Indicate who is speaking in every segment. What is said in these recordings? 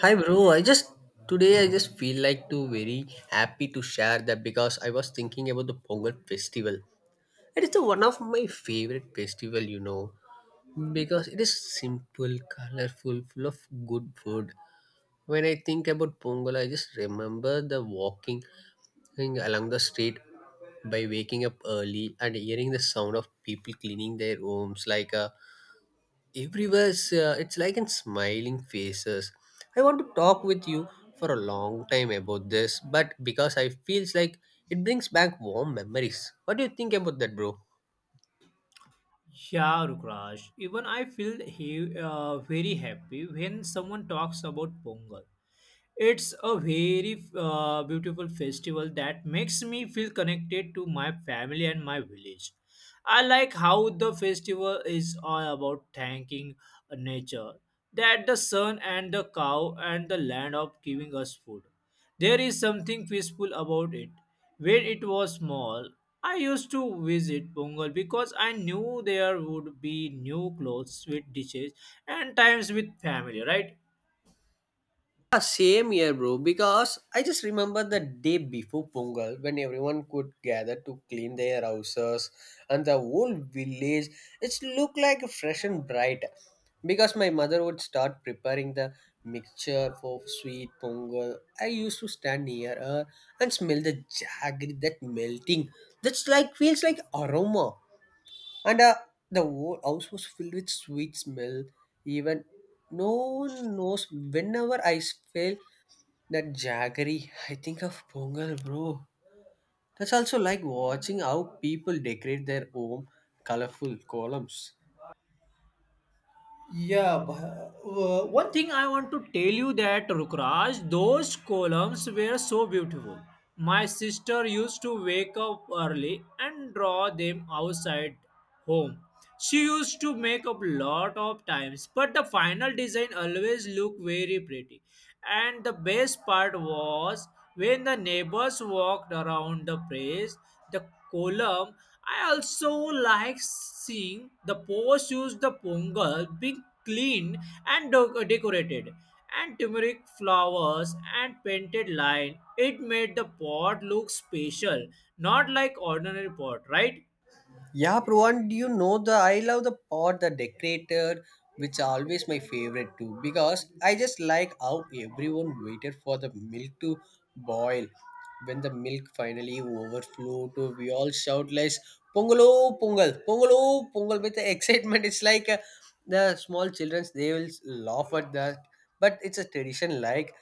Speaker 1: Hi bro, I just today I just feel like to very happy to share that because I was thinking about the Pongal festival. It is the one of my favorite festival, you know, because it is simple, colorful, full of good food. When I think about Pongal, I just remember the walking thing along the street by waking up early and hearing the sound of people cleaning their homes like a everywhere's it's like in smiling faces. I want to talk with you for a long time about this, but because I feels like it brings back warm memories. What do you think about that, bro?
Speaker 2: Yeah, Rukraj. Even I feel he, very happy when someone talks about Pongal. It's a very beautiful festival that makes me feel connected to my family and my village. I like how the festival is all about thanking nature, that the sun and the cow and the land of giving us food. There is something peaceful about it. When it was small, I used to visit Pongal because I knew there would be new clothes, sweet dishes, and times with family, right?
Speaker 1: Yeah, same year, bro. Because I just remember the day before Pongal when everyone could gather to clean their houses and the whole village. It looked like fresh and bright. Because my mother would start preparing the mixture for sweet Pongal. I used to stand near her and smell the jaggery that melting. That's like feels like aroma. And The whole house was filled with sweet smell. Even no one knows whenever I feel that jaggery, I think of Pongal, bro. That's also like watching how people decorate their home colorful columns.
Speaker 2: Yeah, but, one thing I want to tell you that Rukraj, those columns were so beautiful. My sister used to wake up early and draw them outside home. She used to make up lot of times, but the final design always looked very pretty. And the best part was when the neighbors walked around the place, the column. I also like seeing the post used the pongal being cleaned and decorated, and turmeric flowers and painted line. It made the pot look special, not like ordinary pot, right?
Speaker 1: Yeah, bro. Do you know the I love the pot, the decorator, which are always my favorite too, because I just like how everyone waited for the milk to boil. When the milk finally overflowed, to we all shout like "Pongalo, Pongal, Pongalo, Pongal" with the excitement. It's like The small childrens they will laugh at that, but it's a tradition like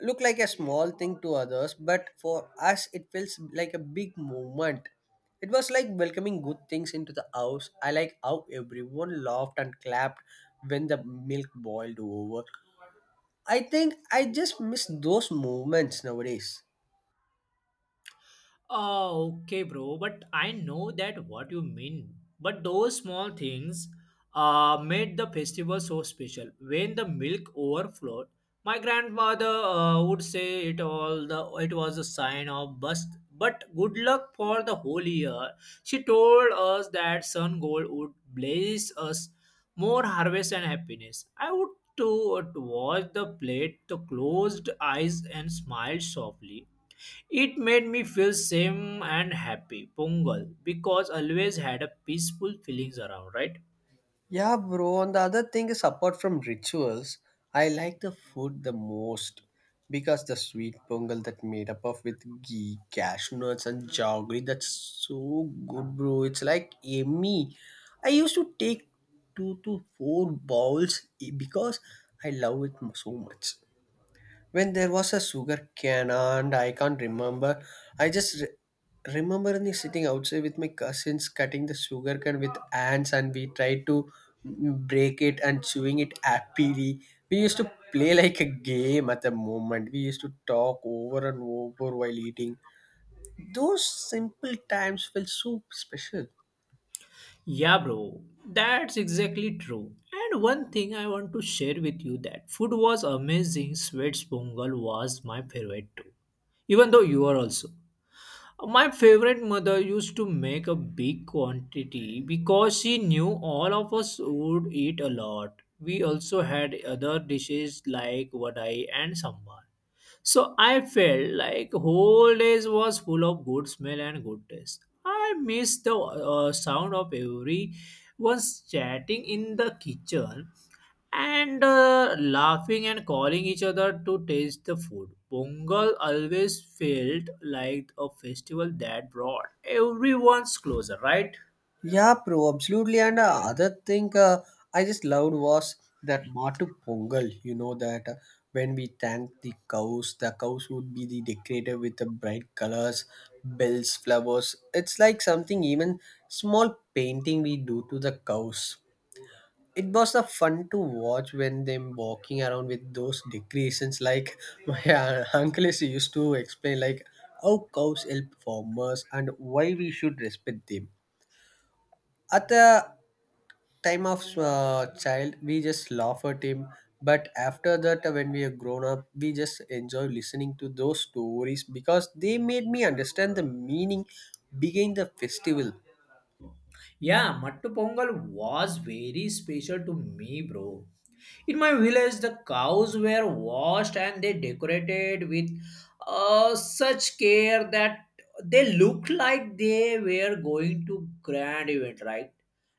Speaker 1: look like a small thing to others, but for us, it feels like a big moment. It was like welcoming good things into the house. I like how everyone laughed and clapped when the milk boiled over. I think I just miss those moments nowadays.
Speaker 2: Oh, okay, bro. But I know that what you mean. But those small things made the festival so special. When the milk overflowed, my grandmother would say it all the it was a sign of bust, but good luck for the whole year. She told us that sun gold would blaze us more harvest and happiness. I would to watch the plate, the closed eyes and smiled softly. It made me feel same and happy, Pongal, because always had a peaceful feelings around, right?
Speaker 1: Yeah, bro. And the other thing is, apart from rituals, I like the food the most because the sweet pongal that made up of with ghee, cashew nuts, and jaggery, that's so good, bro. It's like yummy. I used to take two to four bowls because I love it so much when there was a sugar can and I can't remember. I just remember me sitting outside with my cousins cutting the sugar cane with ants and we tried to break it and chewing it happily. We used to play like a game at the moment. We used to talk over and over while eating. Those simple times felt so special.
Speaker 2: Yeah, bro, that's exactly true. And one thing I want to share with you that food was amazing. Sweets Pongal was my favorite too, even though you are also. My favorite mother used to make a big quantity because she knew all of us would eat a lot. We also had other dishes like vadai and sambar. So I felt like whole days was full of good smell and good taste. I missed the sound of everyone's chatting in the kitchen and laughing and calling each other to taste the food. Pongal always felt like a festival that brought everyone's closer, right?
Speaker 1: Yeah, bro, absolutely. And other thing I just loved was that Matu Pongal. You know that when we thank the cows would be the decorated with the bright colors, bells, flowers. It's like something even small painting we do to the cows. It was a fun to watch when them walking around with those decorations. Like my uncle is used to explain, like how cows help farmers and why we should respect them at the time of child, we just laugh at him, but after that, when we are grown up, we just enjoy listening to those stories because they made me understand the meaning behind the festival.
Speaker 2: Yeah, Mattu Pongal was very special to me, bro. In my village, the cows were washed and they decorated with such care that they looked like they were going to grand event, right?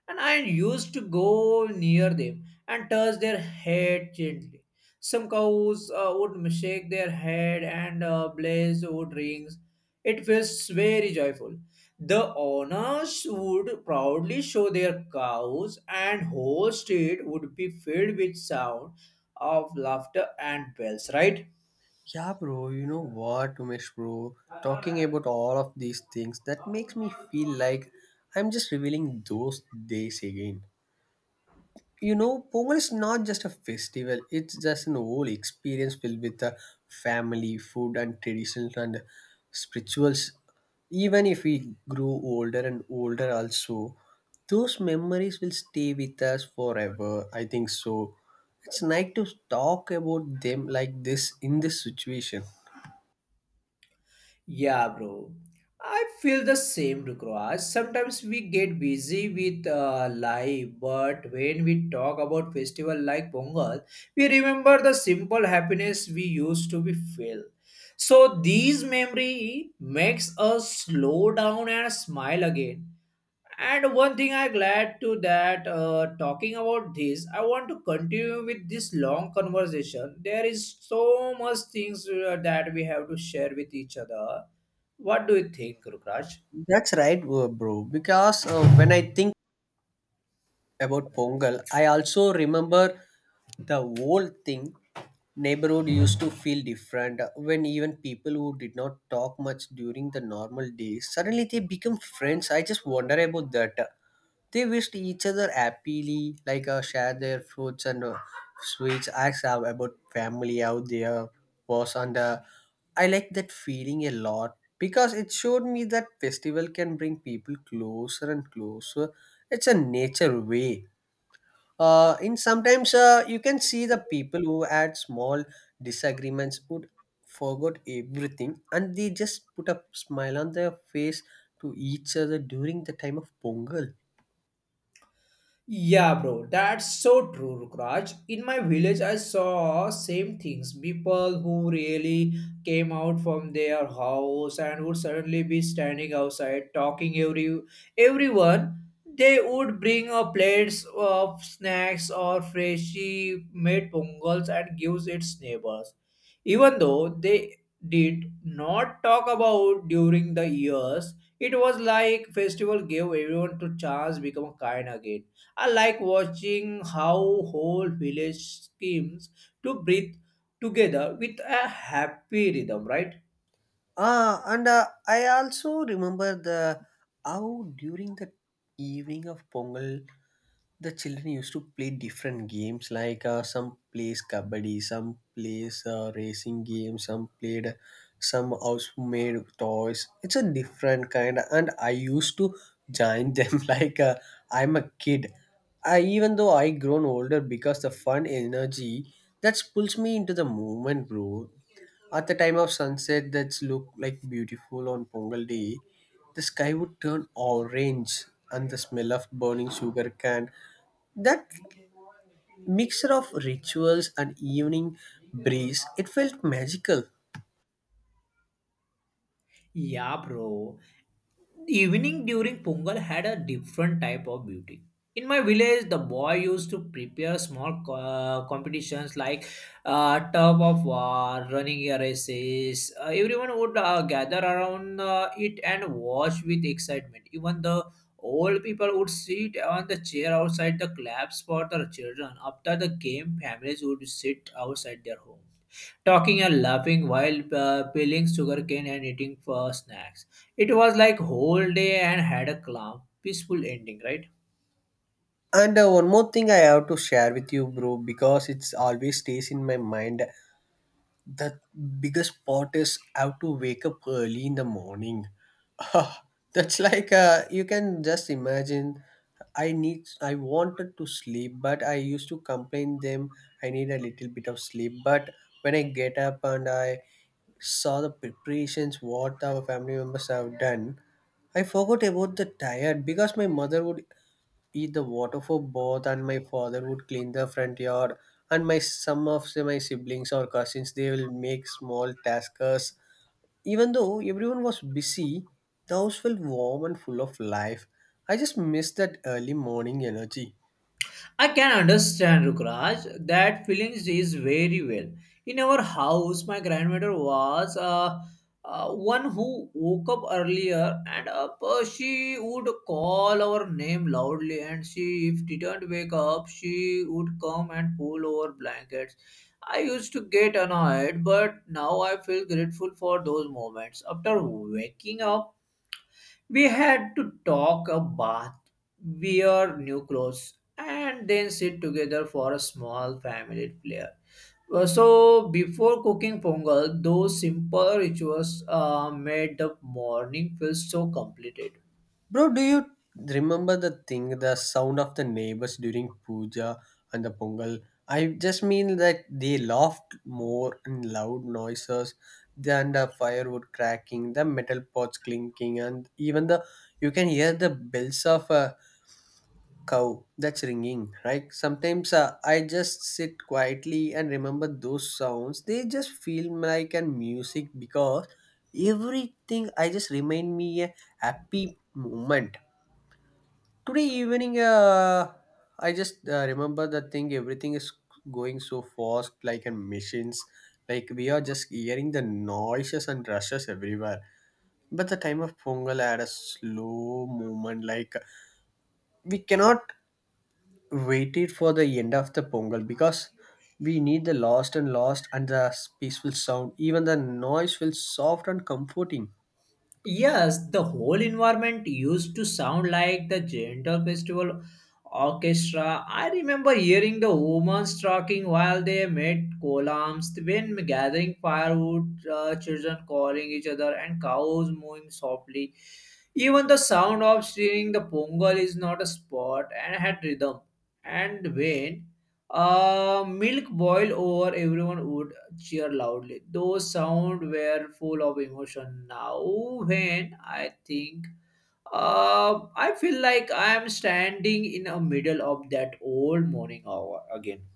Speaker 2: And I used to go near them and touch their head gently. Some cows would shake their head and blaze wood rings. It feels very joyful. The owners would proudly show their cows, and whole street would be filled with sound of laughter and bells, right?
Speaker 1: Yeah bro, you know what, Umesh bro, talking about all of these things that makes me feel like I'm just revealing those days again. You know Pongal is not just a festival, it's just an whole experience filled with the family, food and traditions and spirituals. Even if we grow older and older also, those memories will stay with us forever, I think so. It's nice to talk about them like this in this situation.
Speaker 2: Yeah, bro. I feel the same, Rukraj. Sometimes we get busy with life, but when we talk about festival like Pongal, we remember the simple happiness we used to be feel. So these memory makes us slow down and smile again. And one thing I glad to that talking about this, I want to continue with this long conversation. There is so much things that we have to share with each other. What do you think, Rukraj?
Speaker 1: That's right, bro, because when I think about Pongal. I also remember the whole thing. Neighborhood used to feel different when even people who did not talk much during the normal days suddenly they become friends. I just wonder about that. They wished each other happily, like share their fruits and sweets. Ask about family out there was on the. I like that feeling a lot because it showed me that festival can bring people closer and closer. It's a nature way. In sometimes you can see the people who had small disagreements would forgot everything and they just put a smile on their face to each other during the time of Pongal.
Speaker 2: Yeah, bro, that's so true, Rukraj. In my village, I saw same things. People who really came out from their house and would suddenly be standing outside talking every everyone. They would bring a plates of snacks or freshly made pongals and gives its neighbors. Even though they did not talk about during the years, it was like festival gave everyone to chance become kind again. I like watching how whole village schemes to breathe together with a happy rhythm, right?
Speaker 1: Ah, and I also remember the how during the evening of Pongal, the children used to play different games. Some plays kabaddi, some plays racing games, some played some house-made toys. It's a different kind, and I used to join them. I'm a kid. I even though I grown older because the fun energy that pulls me into the moment, bro. At the time of sunset, that's looked like beautiful on Pongal day. The sky would turn orange, and the smell of burning sugar cane. That mixture of rituals and evening breeze, it felt magical.
Speaker 2: Yeah, bro. Evening during Pongal had a different type of beauty. In my village, the boy used to prepare small competitions like tug of war, running races. Everyone would gather around it and watch with excitement. Even the old people would sit on the chair outside the claps for the children. After the game, families would sit outside their home talking and laughing while peeling sugarcane and eating snacks. It was like whole day and had a calm, peaceful ending, right?
Speaker 1: And One more thing I have to share with you, bro, because it's always stays in my mind. The biggest part is I have to wake up early in the morning. That's like you can just imagine. I wanted to sleep, but I used to complain them I need a little bit of sleep. But when I get up and I saw the preparations what our family members have done, I forgot about the tired because my mother would eat the water for bath and my father would clean the front yard and my some of say, my siblings or cousins they will make small tasks. Even though everyone was busy, the house felt warm and full of life. I just missed that early morning energy.
Speaker 2: I can understand, Rukraj, that feelings is very well. In our house, my grandmother was one who woke up earlier and she would call our name loudly and she, if didn't wake up, she would come and pull our blankets. I used to get annoyed, but now I feel grateful for those moments. After waking up, we had to talk a bath, wear new clothes, and then sit together for a small family prayer. So, before cooking pongal, those simple rituals made the morning feel so completed.
Speaker 1: Bro, do you remember the thing, the sound of the neighbors during puja and the pongal? I just mean that they laughed more in loud noises than the firewood cracking, the metal pots clinking, and even the you can hear the bells of a cow that's ringing, right? Sometimes I just sit quietly and remember those sounds. They just feel like an music because everything. I just remind me a happy moment. Today evening, I just remember the thing. Everything is going so fast, like in machines. Like we are just hearing the noises and rushes everywhere. But the time of Pongal had a slow movement. Like we cannot wait it for the end of the Pongal because we need the lost and lost and the peaceful sound. Even the noise feels soft and comforting.
Speaker 2: Yes, the whole environment used to sound like the gentle festival orchestra. I remember hearing the women talking while they made columns, when gathering firewood, children calling each other, and cows mooing softly. Even the sound of steering the pongal is not a sport and had rhythm. And when milk boiled over, everyone would cheer loudly. Those sounds were full of emotion. Now, when I think, I feel like I am standing in the middle of that old morning hour again.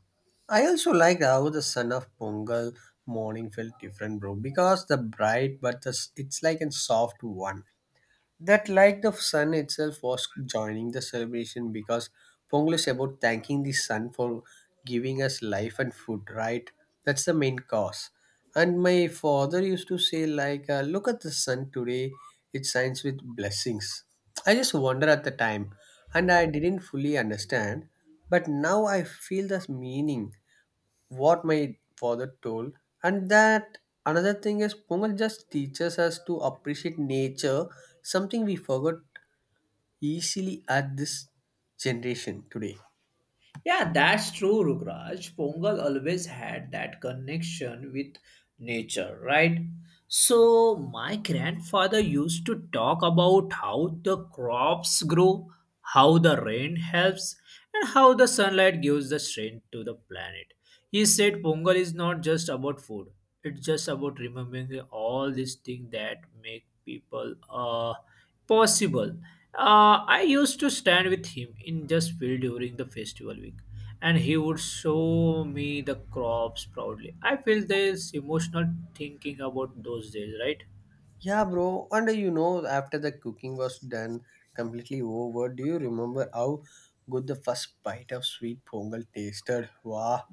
Speaker 1: I also liked how the son of Pongal morning felt different, bro. Because the bright, but the, it's like a soft one. That like the sun itself was joining the celebration because Pongal is about thanking the sun for giving us life and food, right? That's the main cause. And my father used to say like, look at the sun today. It shines with blessings. I just wonder at the time, and I didn't fully understand, but now I feel the meaning what my father told. And that another thing is Pongal just teaches us to appreciate nature, something we forgot easily at this generation today.
Speaker 2: Yeah, that's true, Rukraj. Pongal always had that connection with nature, right? So, my grandfather used to talk about how the crops grow, how the rain helps, and how the sunlight gives the strength to the planet. He said Pongal is not just about food, it's just about remembering all these things that make people possible. I used to stand with him in just field during the festival week, and he would show me the crops proudly. I feel this emotional thinking about those days, right?
Speaker 1: Yeah, bro. And you know, after the cooking was done completely over, do you remember how good the first bite of sweet pongal tasted? Wow,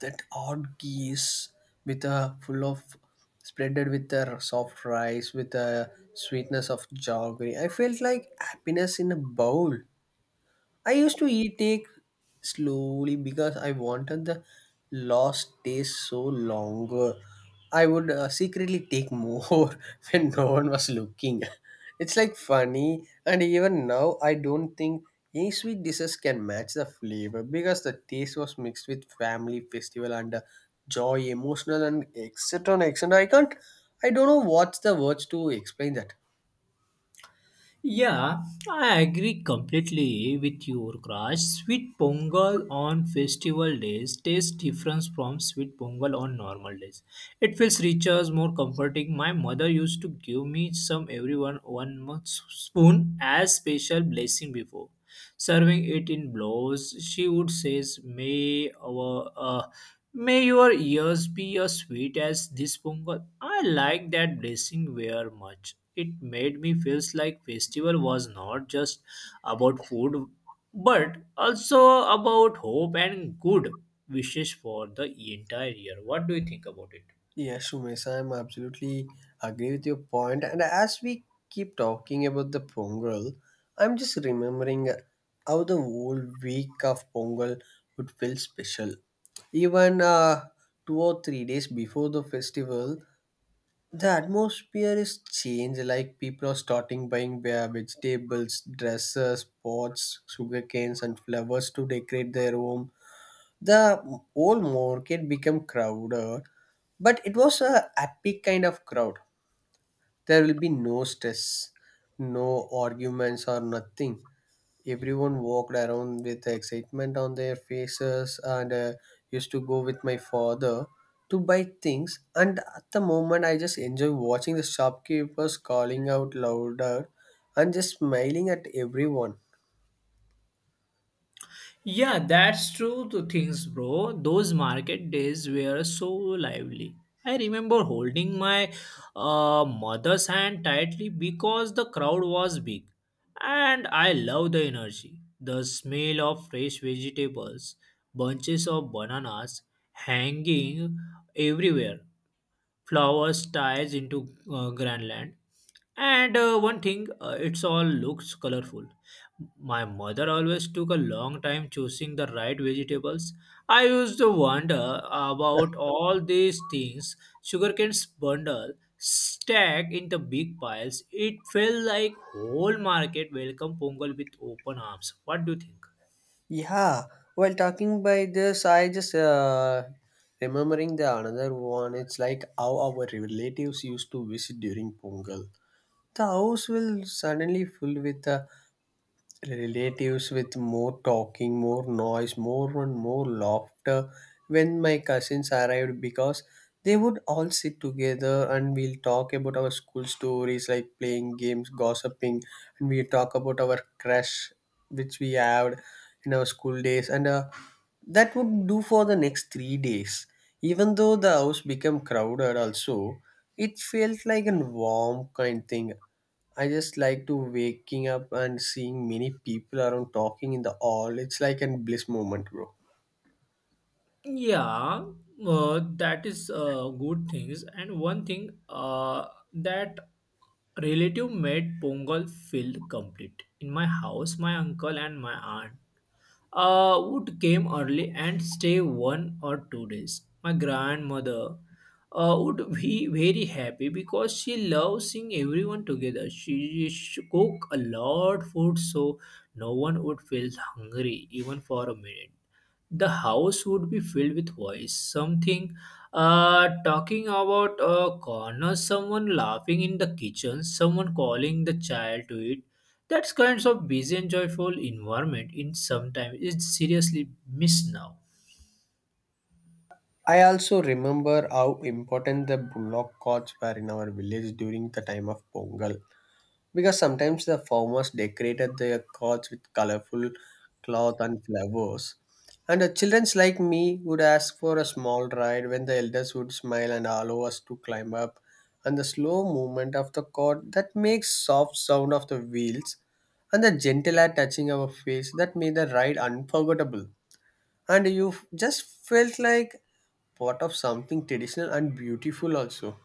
Speaker 1: that odd geese with a full of spreaded with the soft rice with the sweetness of jaggery. I felt like happiness in a bowl. I used to eat egg slowly because I wanted the lost taste so longer. I would secretly take more when no one was looking. It's like funny, and even now I don't think any sweet dishes can match the flavor because the taste was mixed with family festival and joy, emotional, and etc. And etc. I can't. I don't know what's the words to explain that.
Speaker 2: Yeah, I agree completely with you, Crash. Sweet pongal on festival days tastes different from sweet pongal on normal days. It feels richer, more comforting. My mother used to give me some every one month spoon as special blessing before. Serving it in blows, she would say, "May our uh, may your ears be as sweet as this pongal." I like that blessing very much. It made me feels like festival was not just about food but also about hope and good wishes for the entire year. What do you think about it?
Speaker 1: Yes, Umesh, I'm absolutely agree with your point. And as we keep talking about the Pongal, I'm just remembering how the whole week of Pongal would feel special. Even two or three days before the festival, the atmosphere is changed. Like people are starting buying their vegetables, dresses, pots, sugarcanes, and flowers to decorate their home. The whole market became crowded, but it was a happy kind of crowd. There will be no stress, no arguments or nothing. Everyone walked around with excitement on their faces and used to go with my father to buy things, and at the moment I just enjoy watching the shopkeepers calling out louder and just smiling at everyone.
Speaker 2: Yeah, that's true to things, bro. Those market days were so lively. I remember holding my mother's hand tightly because the crowd was big. And I love the energy. The smell of fresh vegetables, bunches of bananas hanging everywhere, flowers ties into Greenland. And one thing, it's all looks colorful. My mother always took a long time choosing the right vegetables. I used to wonder about all these things. Sugarcane's bundle stacked into big piles. It felt like whole market welcomed Pongal with open arms. What do you think?
Speaker 1: Yeah, while talking by this, I just remembering the another one. It's like how our relatives used to visit during Pongal. The house will suddenly filled with relatives with more talking, more noise, more and more laughter when my cousins arrived because they would all sit together and we'll talk about our school stories like playing games, gossiping, and we talk about our crush which we had in our school days and that would do for the next 3 days. Even though the house became crowded also, it felt like a warm kind thing. I just like to waking up and seeing many people around talking in the hall. It's like a bliss moment, bro.
Speaker 2: Yeah, that is good things. And one thing that relative made Pongal feel complete. In my house, my uncle and my aunt would came early and stay 1 or 2 days. My grandmother would be very happy because she loves seeing everyone together. She cook a lot food so no one would feel hungry even for a minute. The house would be filled with voice, something talking about a corner, someone laughing in the kitchen, someone calling the child to it that kinds of busy and joyful environment in sometimes is seriously missed now.
Speaker 1: I also remember how important the bullock carts were in our village during the time of Pongal. Because sometimes the farmers decorated their carts with colorful cloth and flowers. And the childrens like me would ask for a small ride when the elders would smile and allow us to climb up. And the slow movement of the cart that makes soft sound of the wheels and the gentle air touching our face that made the ride unforgettable. And just felt like part of something traditional and beautiful also.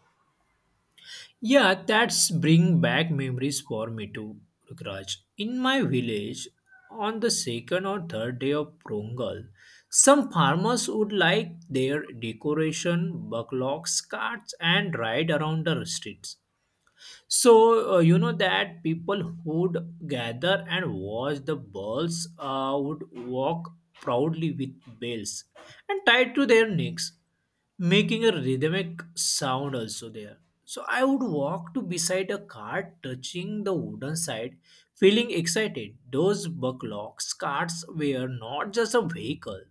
Speaker 2: Yeah, that's bring back memories for me too, Raj. In my village, on the second or third day of Prongal, some farmers would like their decoration, bucklocks, carts, and ride around the streets. So, you know that people would gather and watch the balls would walk proudly with bells and tied to their necks, making a rhythmic sound also there. So, I would walk to beside a cart touching the wooden side, feeling excited. Those bucklocks carts were not just a vehicle,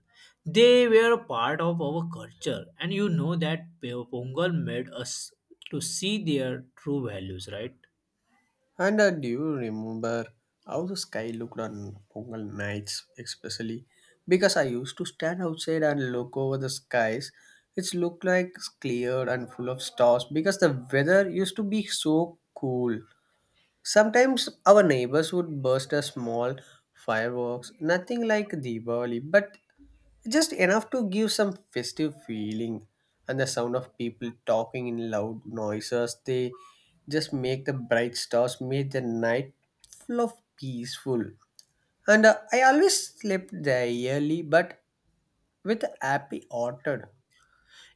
Speaker 2: they were part of our culture, and you know that Pongal made us to see their true values, right?
Speaker 1: And Do you remember how the sky looked on Pongal nights, especially? Because I used to stand outside and look over the skies. It looked like clear and full of stars because the weather used to be so cool. Sometimes our neighbors would burst a small fireworks, nothing like Diwali, but just enough to give some festive feeling and the sound of people talking in loud noises, they just make the bright stars make the night full of peaceful and I always slept there early but with a happy hearted.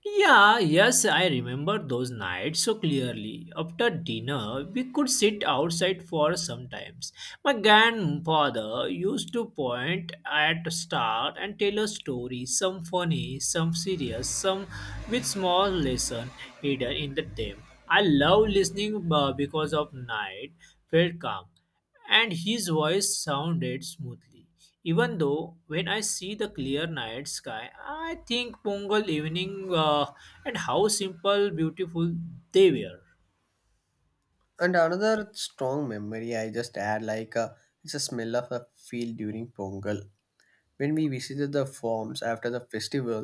Speaker 2: Yeah, yes, I remember those nights so clearly. After dinner, we could sit outside for some times. My grandfather used to point at star and tell us stories, some funny, some serious, some with small lesson hidden in the them. I love listening because of night felt calm and his voice sounded smoothly. Even though when I see the clear night sky, I think Pongal evening and how simple, beautiful they were.
Speaker 1: And another strong memory I just add like, it's a smell of a field during Pongal. When we visited the farms after the festival,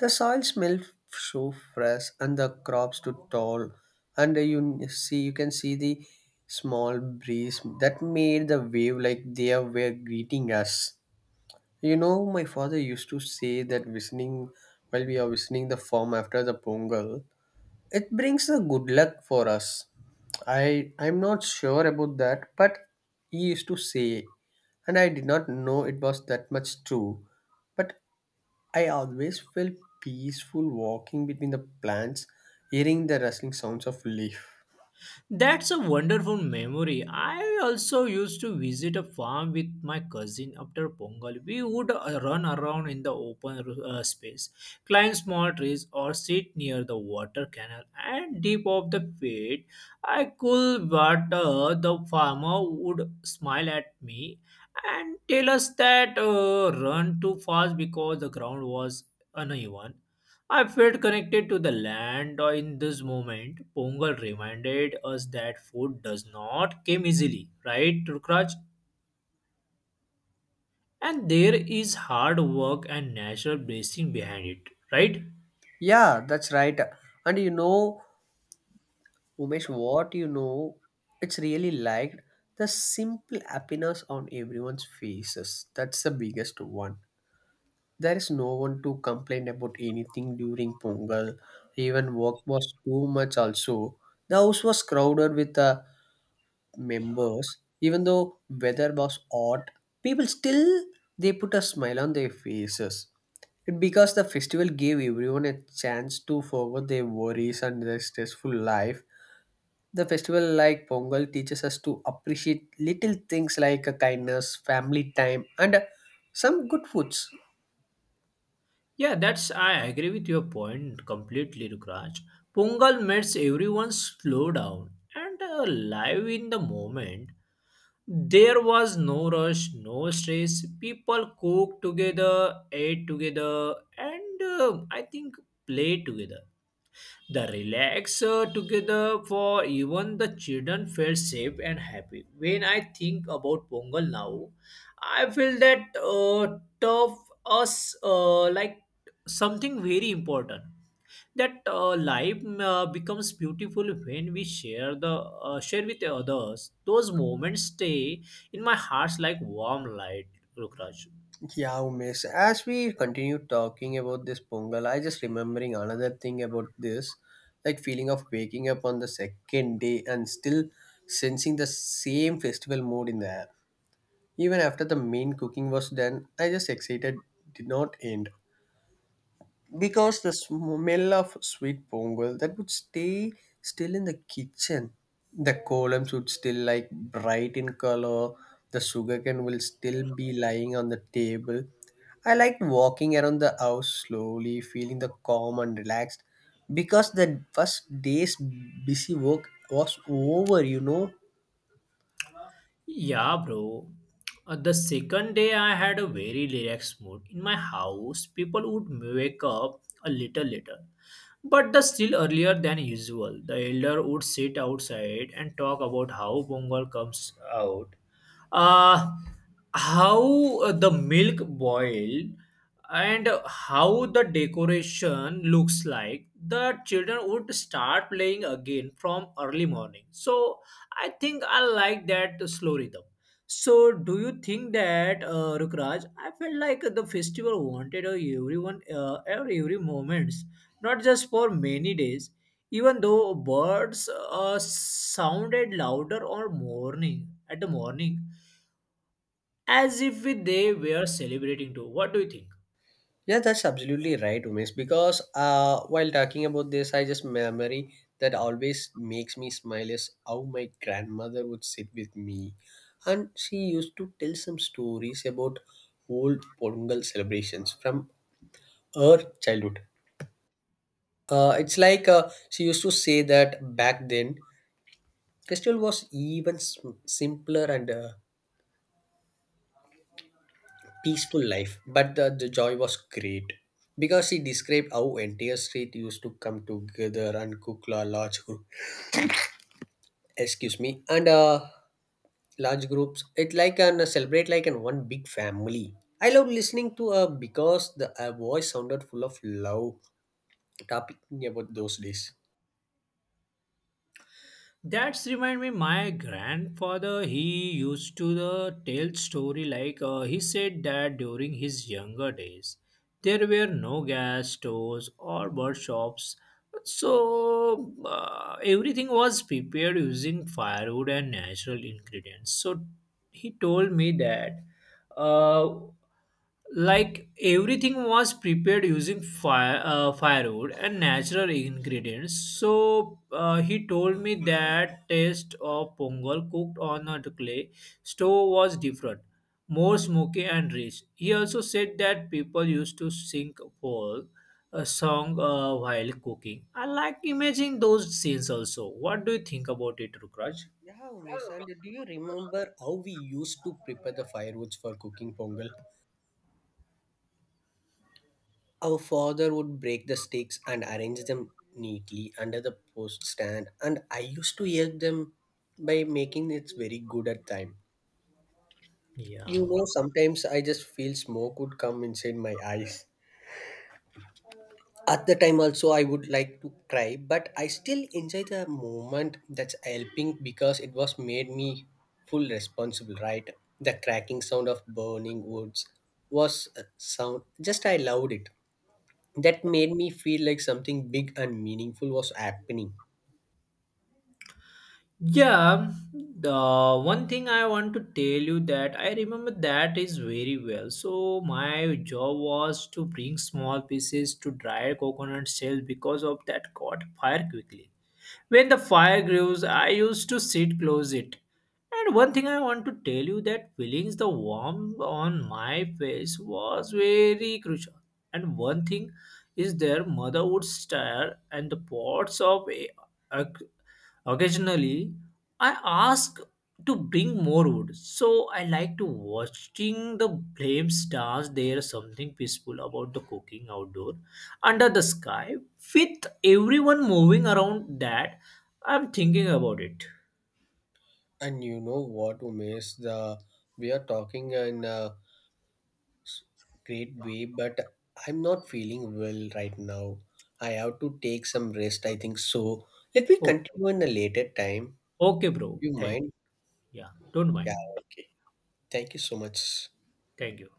Speaker 1: the soil smelled so fresh and the crops stood tall and you can see the small breeze that made the wave like they were greeting us. You know, my father used to say that visiting while we are visiting the farm after the Pongal, it brings a good luck for us. I'm not sure about that, but he used to say, and I did not know it was that much true. But I always felt peaceful walking between the plants, hearing the rustling sounds of leaf.
Speaker 2: That's a wonderful memory. I also used to visit a farm with my cousin after Pongal. We would run around in the open space, climb small trees, or sit near the water canal. And deep of the field, I could water. The farmer would smile at me and tell us that run too fast because the ground was uneven. I felt connected to the land in this moment. Pongal reminded us that food does not come easily, right, Rukraj? And there is hard work and natural blessing behind it, right?
Speaker 1: Yeah, that's right. And you know, Umesh, what you know, it's really like the simple happiness on everyone's faces. That's the biggest one. There is no one to complain about anything during Pongal. Even work was too much also. The house was crowded with the members. Even though weather was hot, people still they put a smile on their faces. It because the festival gave everyone a chance to forget their worries and their stressful life. The festival like Pongal teaches us to appreciate little things like a kindness, family time, and some good foods.
Speaker 2: Yeah, that's I agree with your point completely, Rukraj. Pongal makes everyone slow down and live in the moment. There was no rush, no stress. People cooked together, ate together, and I think played together. The relax together for even the children felt safe and happy. When I think about Pongal now, I feel that tough us like something very important. That life becomes beautiful when we share the share with the others. Those moments stay in my heart like warm light, Rukraj.
Speaker 1: Yeah, Umesh. As we continue talking about this Pongal, I just remembering another thing about this, like feeling of waking up on the second day and still sensing the same festival mood in the air. Even after the main cooking was done, I just excited did not end because the smell of sweet pongal that would stay still in the kitchen, the columns would still like bright in color, the sugarcane will still be lying on the table. I liked walking around the house slowly feeling the calm and relaxed because the first day's busy work was over, you know.
Speaker 2: Yeah, bro. The second day I had a very relaxed mood. In my house, people would wake up a little later, but the still earlier than usual. The elder would sit outside and talk about how Bongal comes out, uh, how the milk boiled, and how the decoration looks like. The children would start playing again from early morning. So I think I like that slow rhythm. So, do you think that Rukraj? I felt like the festival wanted everyone, every moments, not just for many days. Even though birds sounded louder or morning at the morning, as if they were celebrating too. What do you think?
Speaker 1: Yeah, that's absolutely right, Umesh. Because while talking about this, I just memory that always makes me smile is how my grandmother would sit with me, and she used to tell some stories about old Pongal celebrations from her childhood. It's like she used to say that back then, festival was even simpler and peaceful life, but the joy was great because he described how entire street used to come together and cook large group, excuse me, and large groups, it like an celebrate like an one big family. I love listening to her because the her voice sounded full of love talking about those days.
Speaker 2: That's remind me my grandfather he used to the tell story like he said that during his younger days. There were no gas stores or workshops, so everything was prepared using firewood and natural ingredients. So he told me that, uh, like everything was prepared using firewood and natural ingredients. So he told me that taste of pongal cooked on a clay stove was different, more smoky and rich. He also said that people used to sing for a song while cooking. I like imagining those scenes also. What do you think about it, Rukraj?
Speaker 1: Yeah, Umesh, and do you remember how we used to prepare the firewoods for cooking Pongal? Our father would break the sticks and arrange them neatly under the post stand, and I used to help them by making it very good at time.
Speaker 2: Yeah.
Speaker 1: You know, sometimes I just feel smoke would come inside my eyes. At the time also I would like to cry, but I still enjoy the moment that's helping because it was made me full responsible, right? The cracking sound of burning woods was a sound just I loved it. That made me feel like something big and meaningful was happening.
Speaker 2: Yeah, the one thing I want to tell you that I remember that is very well. So my job was to bring small pieces to dry coconut shells because of that caught fire quickly. When the fire grows, I used to sit close it. And one thing I want to tell you that feelings the warmth on my face was very crucial. And one thing is their mother would stir and the pots of occasionally I ask to bring more wood. So I like to watching the flames dance. There is something peaceful about the cooking outdoor under the sky with everyone moving around that. I'm thinking about it.
Speaker 1: And you know what, Umesh? The we are talking in a great way, but I'm not feeling well right now. I have to take some rest. I think so. Let me
Speaker 2: Okay,
Speaker 1: continue in a later time.
Speaker 2: okay, bro,
Speaker 1: You
Speaker 2: thank you.
Speaker 1: mind?
Speaker 2: Yeah, don't mind.
Speaker 1: Yeah. Okay. Thank you so much.
Speaker 2: Thank you.